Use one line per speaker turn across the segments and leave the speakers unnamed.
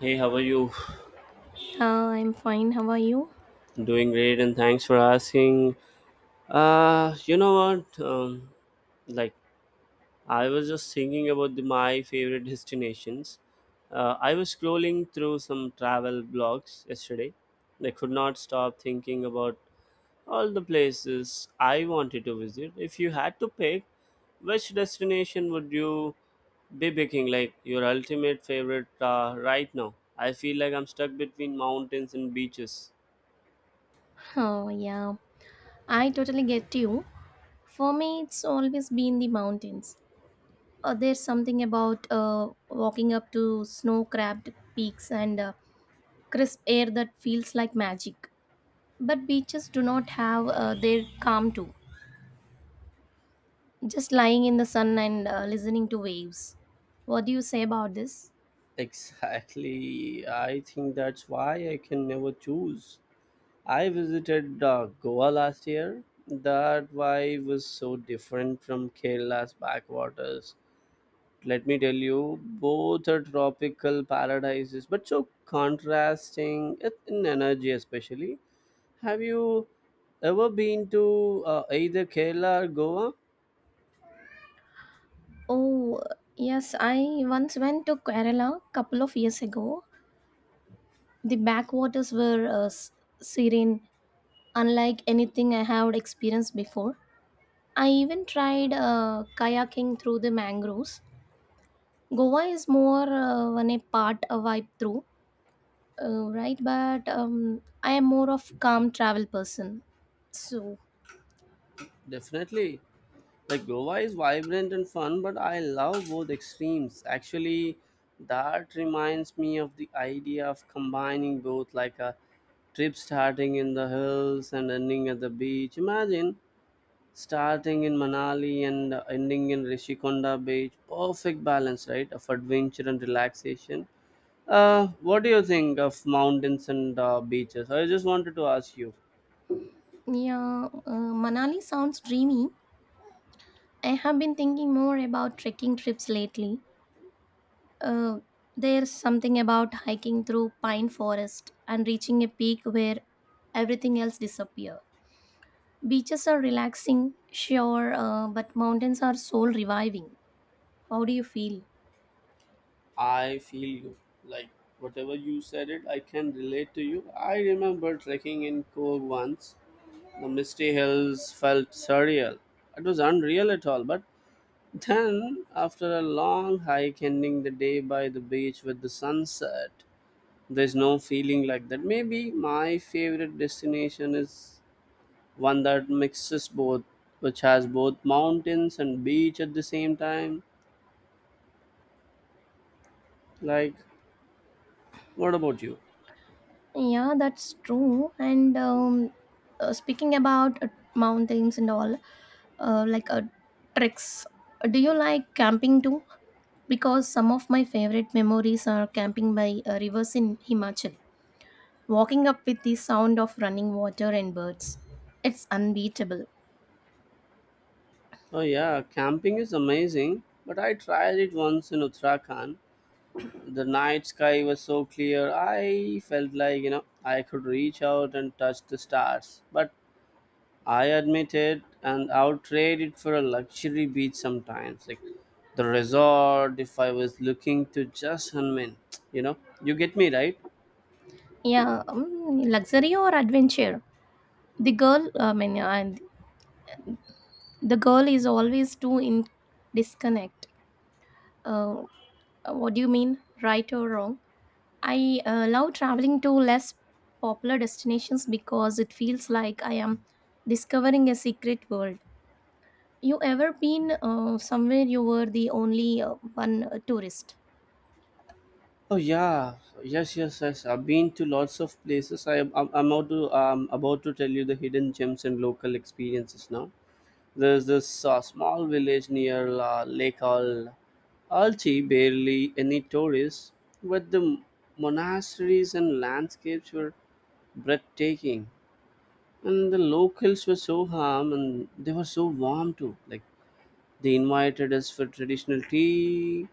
Hey, how are you?
I'm fine. How are you?
Doing great, and thanks for asking. You know what? Like, I was just thinking about my favorite destinations. I was scrolling through some travel blogs yesterday. I could not stop thinking about all the places I wanted to visit. If you had to pick, which destination would you be picking? Like, your ultimate favorite right now? I feel like I'm stuck between mountains and beaches.
Oh, yeah. I totally get you. For me, it's always been the mountains. There's something about walking up to snow cracked peaks and crisp air that feels like magic. But beaches do not have their calm too. Just lying in the sun and listening to waves. What do you say about this?
Exactly. I think that's why I can never choose. I visited Goa last year. That vibe was so different from Kerala's backwaters. Let me tell you, both are tropical paradises, but so contrasting in energy, especially. Have you ever been to either Kerala or Goa?
Oh, yes. I once went to Kerala a couple of years ago. The backwaters were serene unlike anything I have experienced before. I even tried kayaking through the mangroves. Goa is more one a part a vibe through, right? But I am more of calm travel person. So
Definitely. Like Goa is vibrant and fun, but I love both extremes. Actually, that reminds me of the idea of combining both, like a trip starting in the hills and ending at the beach. Imagine starting in Manali and ending in Rishikonda Beach. Perfect balance, right? Of adventure and relaxation. What do you think of mountains and beaches? I just wanted to ask you.
yeah, Manali sounds dreamy. I have been thinking more about trekking trips lately. Uh, there's something about hiking through pine forest and reaching a peak where everything else disappears. Beaches are relaxing, sure, but mountains are soul reviving. How do you feel?
I feel you. Like whatever you said it, I can relate to you. I remember trekking in Coorg once. The misty hills felt surreal. It was unreal at all, but then after a long hike ending the day by the beach with the sunset, there's no feeling like that. Maybe my favorite destination is one that mixes both, which has both mountains and beach at the same time. Like what about you?
Yeah, that's true. And speaking about mountains and all, uh, like uh, treks, do you like camping too? Because some of my favorite memories are camping by rivers in Himachal, walking up with the sound of running water and birds. It's unbeatable.
Oh yeah, camping is amazing. But I tried it once in Uttarakhand. The night sky was so clear. I felt like, I could reach out and touch the stars. But I admit it and I'll trade it for a luxury beach sometimes. Like the resort if I was looking to just unwind, you know. You get me right?
Yeah, luxury or adventure? The girl, I mean, and the girl is always too in disconnect. Uh, what do you mean, right or wrong? I love traveling to less popular destinations because it feels like I am discovering a secret world. You ever been somewhere you were the only one tourist?
Oh yeah, yes, yes, yes. I've been to lots of places. I'm about to tell you the hidden gems and local experiences now. There's this small village near Lake Al Alchi, barely any tourists, but the monasteries and landscapes were breathtaking. And the locals were so warm, and they were so warm too. Like they invited us for traditional tea,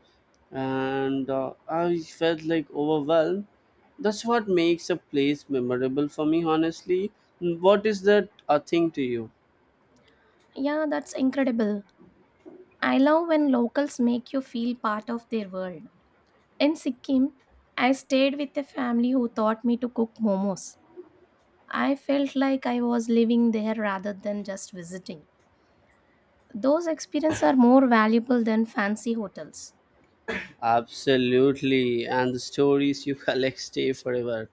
and I felt like overwhelmed. That's what makes a place memorable for me, honestly. What is that a thing to you?
Yeah, that's incredible. I love when locals make you feel part of their world. In Sikkim, I stayed with a family who taught me to cook momos. I felt like I was living there rather than just visiting. Those experiences are more valuable than fancy hotels.
Absolutely, and the stories you collect stay forever.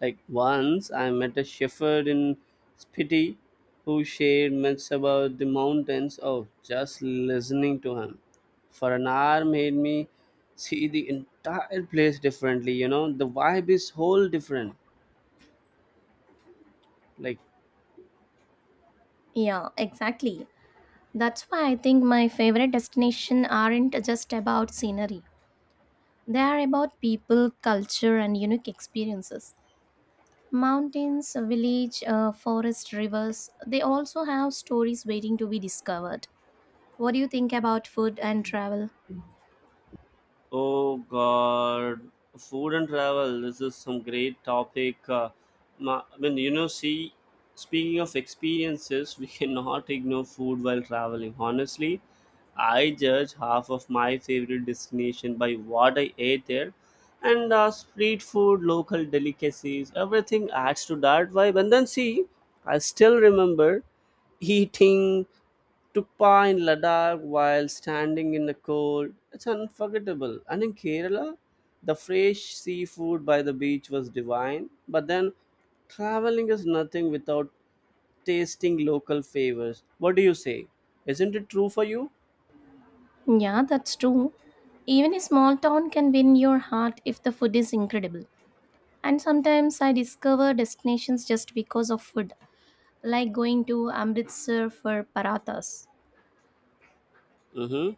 Like once I met a shepherd in Spiti who shared myths about the mountains. Oh, just listening to him for an hour made me see the entire place differently. You know, the vibe is whole different. Like
Yeah, exactly. That's why I think my favorite destinations aren't just about scenery. They are about people, culture, and unique experiences. Mountains, village, forest, rivers, they also have stories waiting to be discovered. What do you think about food and travel?
oh God, food and travel. This is some great topic. I mean, see, speaking of experiences, we cannot ignore food while traveling. Honestly, I judge half of my favorite destination by what I ate there, and street food, local delicacies, everything adds to that vibe. And then see, I still remember eating to in Ladakh while standing in the cold. It's unforgettable. And in Kerala, the fresh seafood by the beach was divine. But then, traveling is nothing without tasting local favors. What do you say? Isn't it true for you?
Yeah, that's true. Even a small town can win your heart if the food is incredible. And sometimes I discover destinations just because of food, like going to Amritsar for parathas.
Mm-hmm.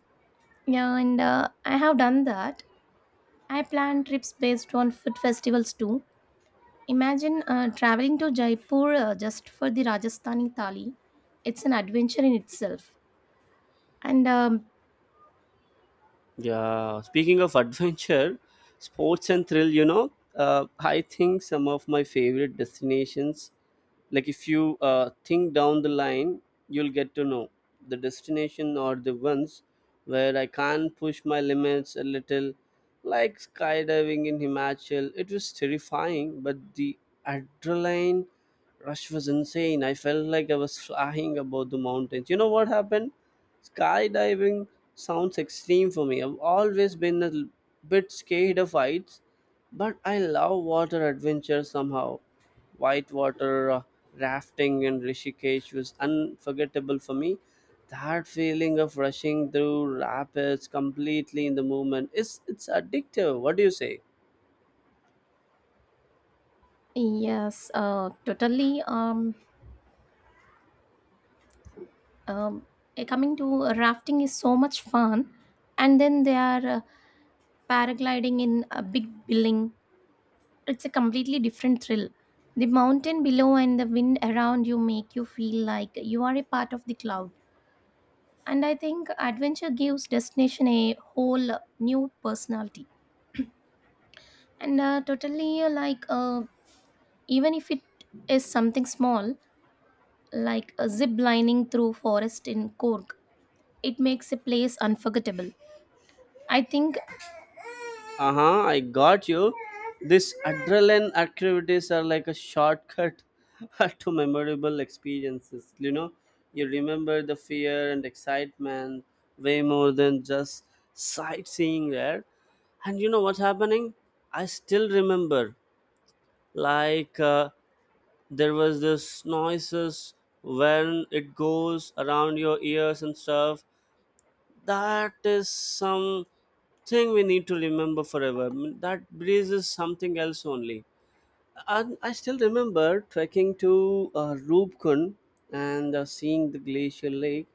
Yeah, and I have done that. I plan trips based on food festivals too. Imagine traveling to Jaipur just for the Rajasthani thali. It's an adventure in itself. And um,
Yeah, speaking of adventure, sports and thrill, I think some of my favorite destinations, like if you think down the line, you'll get to know the destination or the ones where I can push my limits a little, like skydiving in Himachal. It was terrifying, but the adrenaline rush was insane. I felt like I was flying above the mountains. You know what happened? Skydiving sounds extreme for me. I've always been a bit scared of heights, but I love water adventures somehow. Whitewater rafting in Rishikesh was unforgettable for me. That feeling of rushing through rapids completely in the moment is it's addictive. What do you say?
yes, totally. Um, Coming to rafting is so much fun, and then they are paragliding in a big building. It's a completely different thrill. The mountain below and the wind around you make you feel like you are a part of the cloud. And I think adventure gives destination a whole new personality. And totally like Even if it is something small, like a zip lining through forest in Kork, it makes a place unforgettable, I think.
Uh-huh, I got you. This adrenaline activities are like a shortcut to memorable experiences. You remember the fear and excitement way more than just sightseeing there. And you know what's happening, I still remember, like, there was this noises when it goes around your ears and stuff that is something we need to remember forever. I mean, that breeze is something else only. And I still remember trekking to Rubicon and seeing the glacial lake.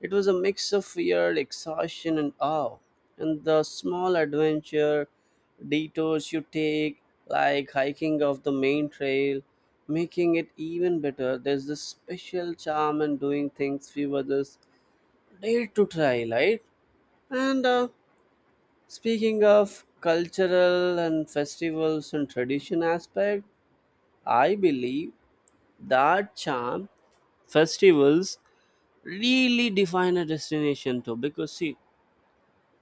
It was a mix of fear, exhaustion, and awe. And the small adventure detours you take, like hiking off the main trail, making it even better. There's this special charm in doing things few others dare to try, right? And speaking of cultural and festivals and tradition aspect, I believe that charm festivals really define a destination too. Because see,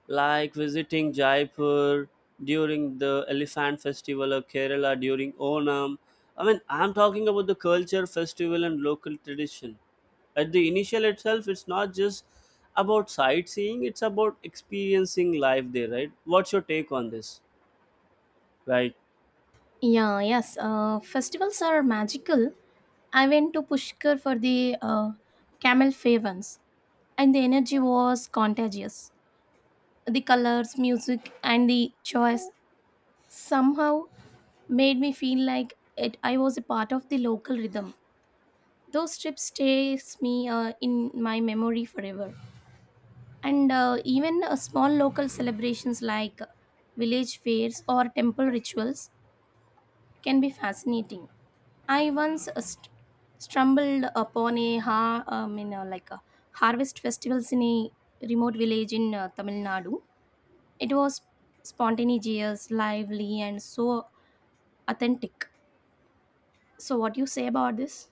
like visiting Jaipur during the Elephant Festival of Kerala during Onam. I mean, I'm talking about the culture, festival, and local tradition. At the initial itself, it's not just about sightseeing; it's about experiencing life there, right? What's your take on this? Right.
Yeah, yes. Festivals are magical. I went to Pushkar for the camel fair once, and the energy was contagious. The colors, music, and the choice somehow made me feel like it. I was a part of the local rhythm. Those trips stays me in my memory forever. And even small local celebrations like village fairs or temple rituals can be fascinating. I once stumbled upon a in a, like a harvest festivals in a remote village in Tamil Nadu. It was spontaneous, lively, and so authentic. So, what do you say about this?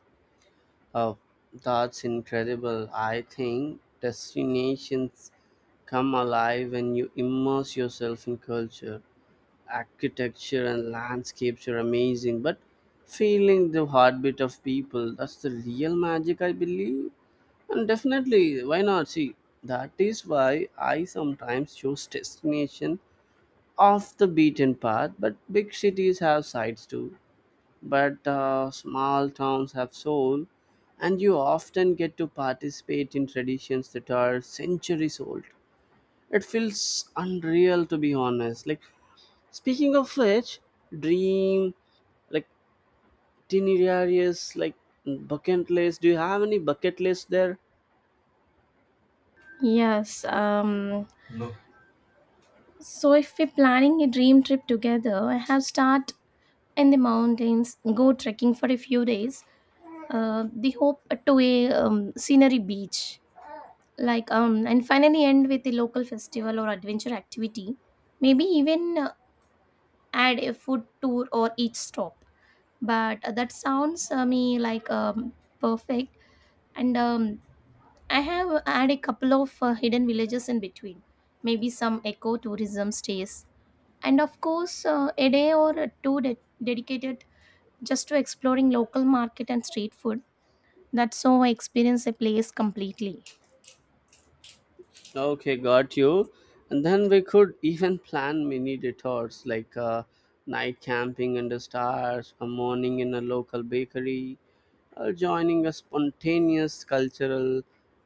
Oh, that's incredible. I think destinations come alive when you immerse yourself in culture, architecture, and landscapes are amazing, but feeling the heartbeat of people, that's the real magic, I believe. And definitely, why not? See, that is why I sometimes choose destination off the beaten path, but big cities have sights too. But small towns have soul, and you often get to participate in traditions that are centuries old. It feels unreal to be honest. Like speaking of which, dream like itineraries, like bucket list. Do you have any bucket list there?
Yes. So, if we're planning a dream trip together, I have start in the mountains, go trekking for a few days. The hope to a scenery beach like and finally end with a local festival or adventure activity, maybe even add a food tour or each stop. But that sounds me like perfect. And I have add a couple of hidden villages in between, maybe some eco tourism stays, and of course a day or two dedicated just to exploring local market and street food. That's how I experience a place completely.
Okay, got you. And then we could even plan mini detours like night camping under stars, a morning in a local bakery, or joining a spontaneous cultural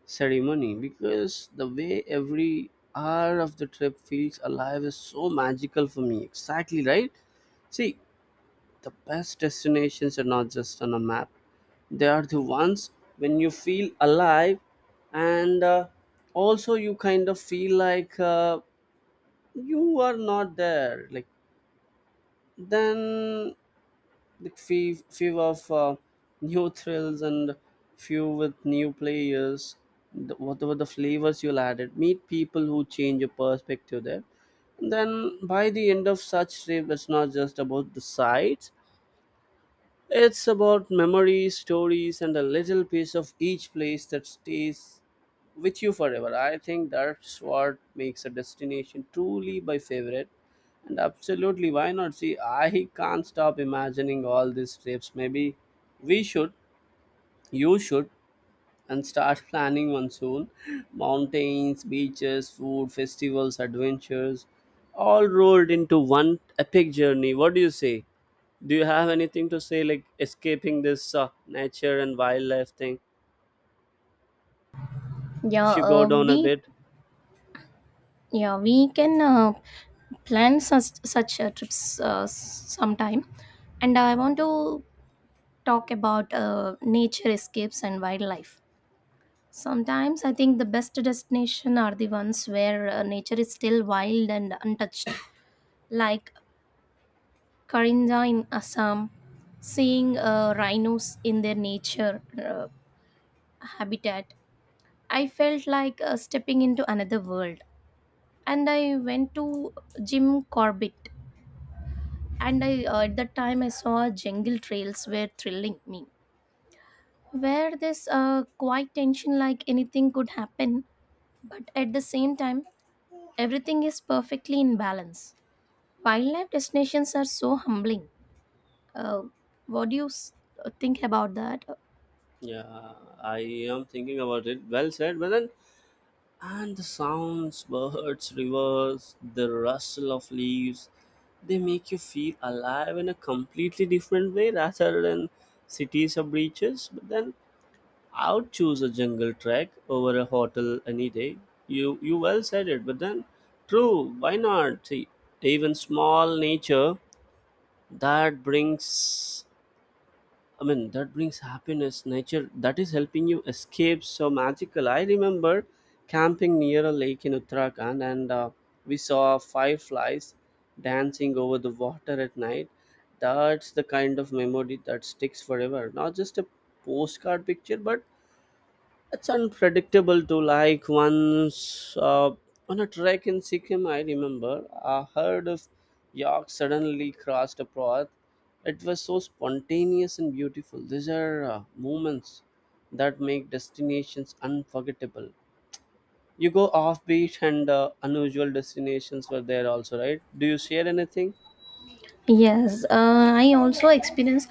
ceremony because the way every hour of the trip feels alive is so magical for me. Exactly right. See, the best destinations are not just on a map, they are the ones when you feel alive, and also you kind of feel like you are not there. Like, then the few of new thrills and few with new players, whatever the flavors you'll added, meet people who change your perspective there. Then by the end of such trip it's not just about the sights. It's about memories, stories, and a little piece of each place that stays with you forever. I think that's what makes a destination truly my favorite. And absolutely, why not? See, I can't stop imagining all these trips. Maybe we should, you should and start planning one soon. Mountains, beaches, food, festivals, adventures, all rolled into one epic journey. What do you say? Do you have anything to say, like escaping this nature and wildlife thing?
yeah
If you go
uh,
down a
we.
bit,
Yeah, we can plan such trips sometime. And I want to talk about nature escapes and wildlife. Sometimes I think the best destination are the ones where nature is still wild and untouched, like Karinja in Assam. Seeing rhinos in their nature habitat, I felt like stepping into another world. And I went to Jim Corbett, and I at that time I saw jungle trails were thrilling me, where this quiet tension like anything could happen, but at the same time everything is perfectly in balance. Wildlife destinations are so humbling. Uh, what do you think about that?
yeah, I am thinking about it. Well said, but then and the sounds, birds, rivers, the rustle of leaves, they make you feel alive in a completely different way rather than cities or beaches. But then I would choose a jungle trek over a hotel any day. You well said it, but then true, why not? See, even small nature that brings, I mean, that brings happiness, nature that is helping you escape so magical. I remember camping near a lake in Uttarakhand, and we saw fireflies dancing over the water at night. That's the kind of memory that sticks forever. Not just a postcard picture, but it's unpredictable too. Like once on a trek in Sikkim, I remember a herd of York suddenly crossed a path. It was so spontaneous and beautiful. These are moments that make destinations unforgettable. You go offbeat and unusual destinations were there also, right? Do you share anything?
Yes, I also experienced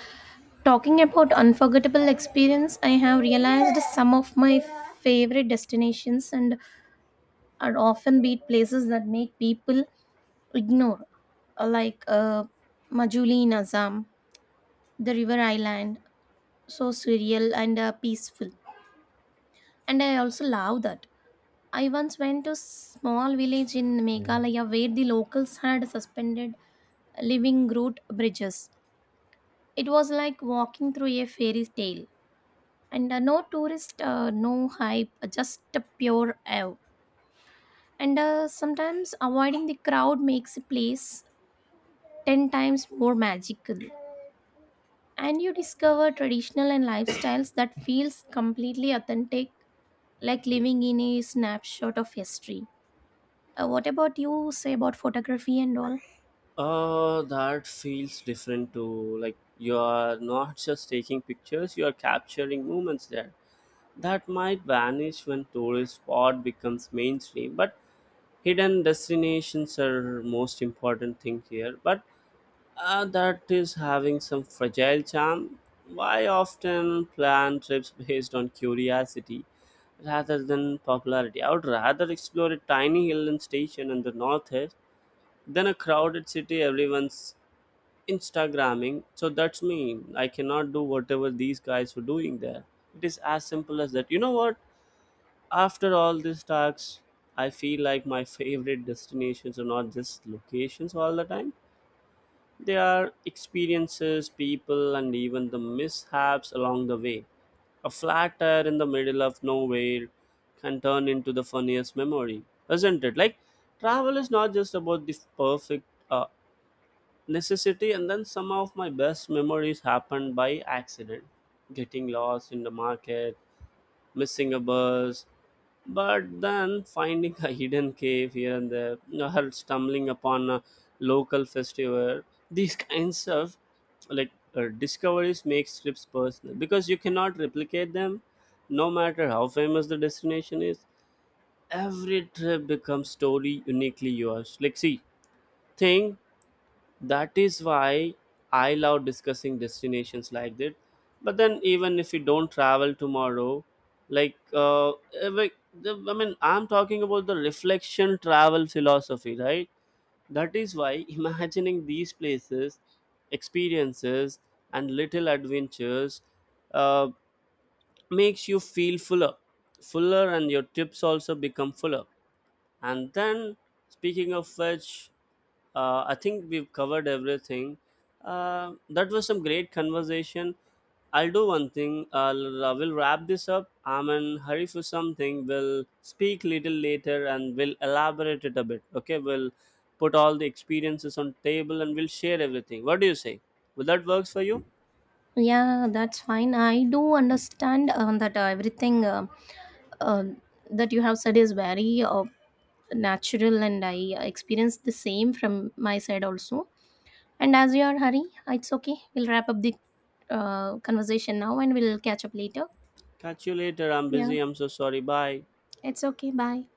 talking about unforgettable experience. I have realized some of my favorite destinations and are often beat places that make people ignore, uh, like uh, Majuli in Assam, the river island, so surreal and peaceful. And I also love that. I once went to a small village in Meghalaya where the locals had suspended living root bridges. It was like walking through a fairy tale. And no tourist, no hype, just a pure awe. And sometimes avoiding the crowd makes a place 10 times more magical. And you discover traditional and lifestyles that feels completely authentic, like living in a snapshot of history. What about you say about photography and all?
That feels different too. Like you are not just taking pictures, you are capturing moments there that might vanish when tourist spot becomes mainstream, but hidden destinations are most important thing here, but that is having some fragile charm. Why often plan trips based on curiosity rather than popularity? I would rather explore a tiny hill and station in the northeast than a crowded city everyone's instagramming. So that's me. I cannot do whatever these guys were doing there. It is as simple as that. You know what, after all these talks, I feel like my favorite destinations are not just locations all the time. They are experiences, people, and even the mishaps along the way. A flat tire in the middle of nowhere can turn into the funniest memory, isn't it? Like, travel is not just about the perfect uh, necessity, and then some of my best memories happened by accident. Getting lost in the market, missing a bus, but then finding a hidden cave here and there, or stumbling upon a local festival. These kinds of like discoveries make trips personal because you cannot replicate them, no matter how famous the destination is. Every trip becomes story uniquely yours. Like, see, think that is why I love discussing destinations like that, but then even if we don't travel tomorrow, like like, I mean, I'm talking about the reflection travel philosophy, right? That is why imagining these places, experiences, and little adventures uh, makes you feel fuller, and your trips also become fuller. And then, speaking of which, I think we've covered everything. That was some great conversation. I'll do one thing. I'll we'll wrap this up. I'm in hurry for something. We'll speak little later and we'll elaborate it a bit. Okay, we'll put all the experiences on table and we'll share everything. What do you say? Will that works for you?
Yeah, that's fine. I do understand that everything uh, that you have said is very natural, and I experienced the same from my side also. And as you are hurry, it's okay, we'll wrap up the conversation now and we'll catch up later.
Catch you later. I'm
Yeah,
busy. I'm so sorry. Bye.
it's okay, bye.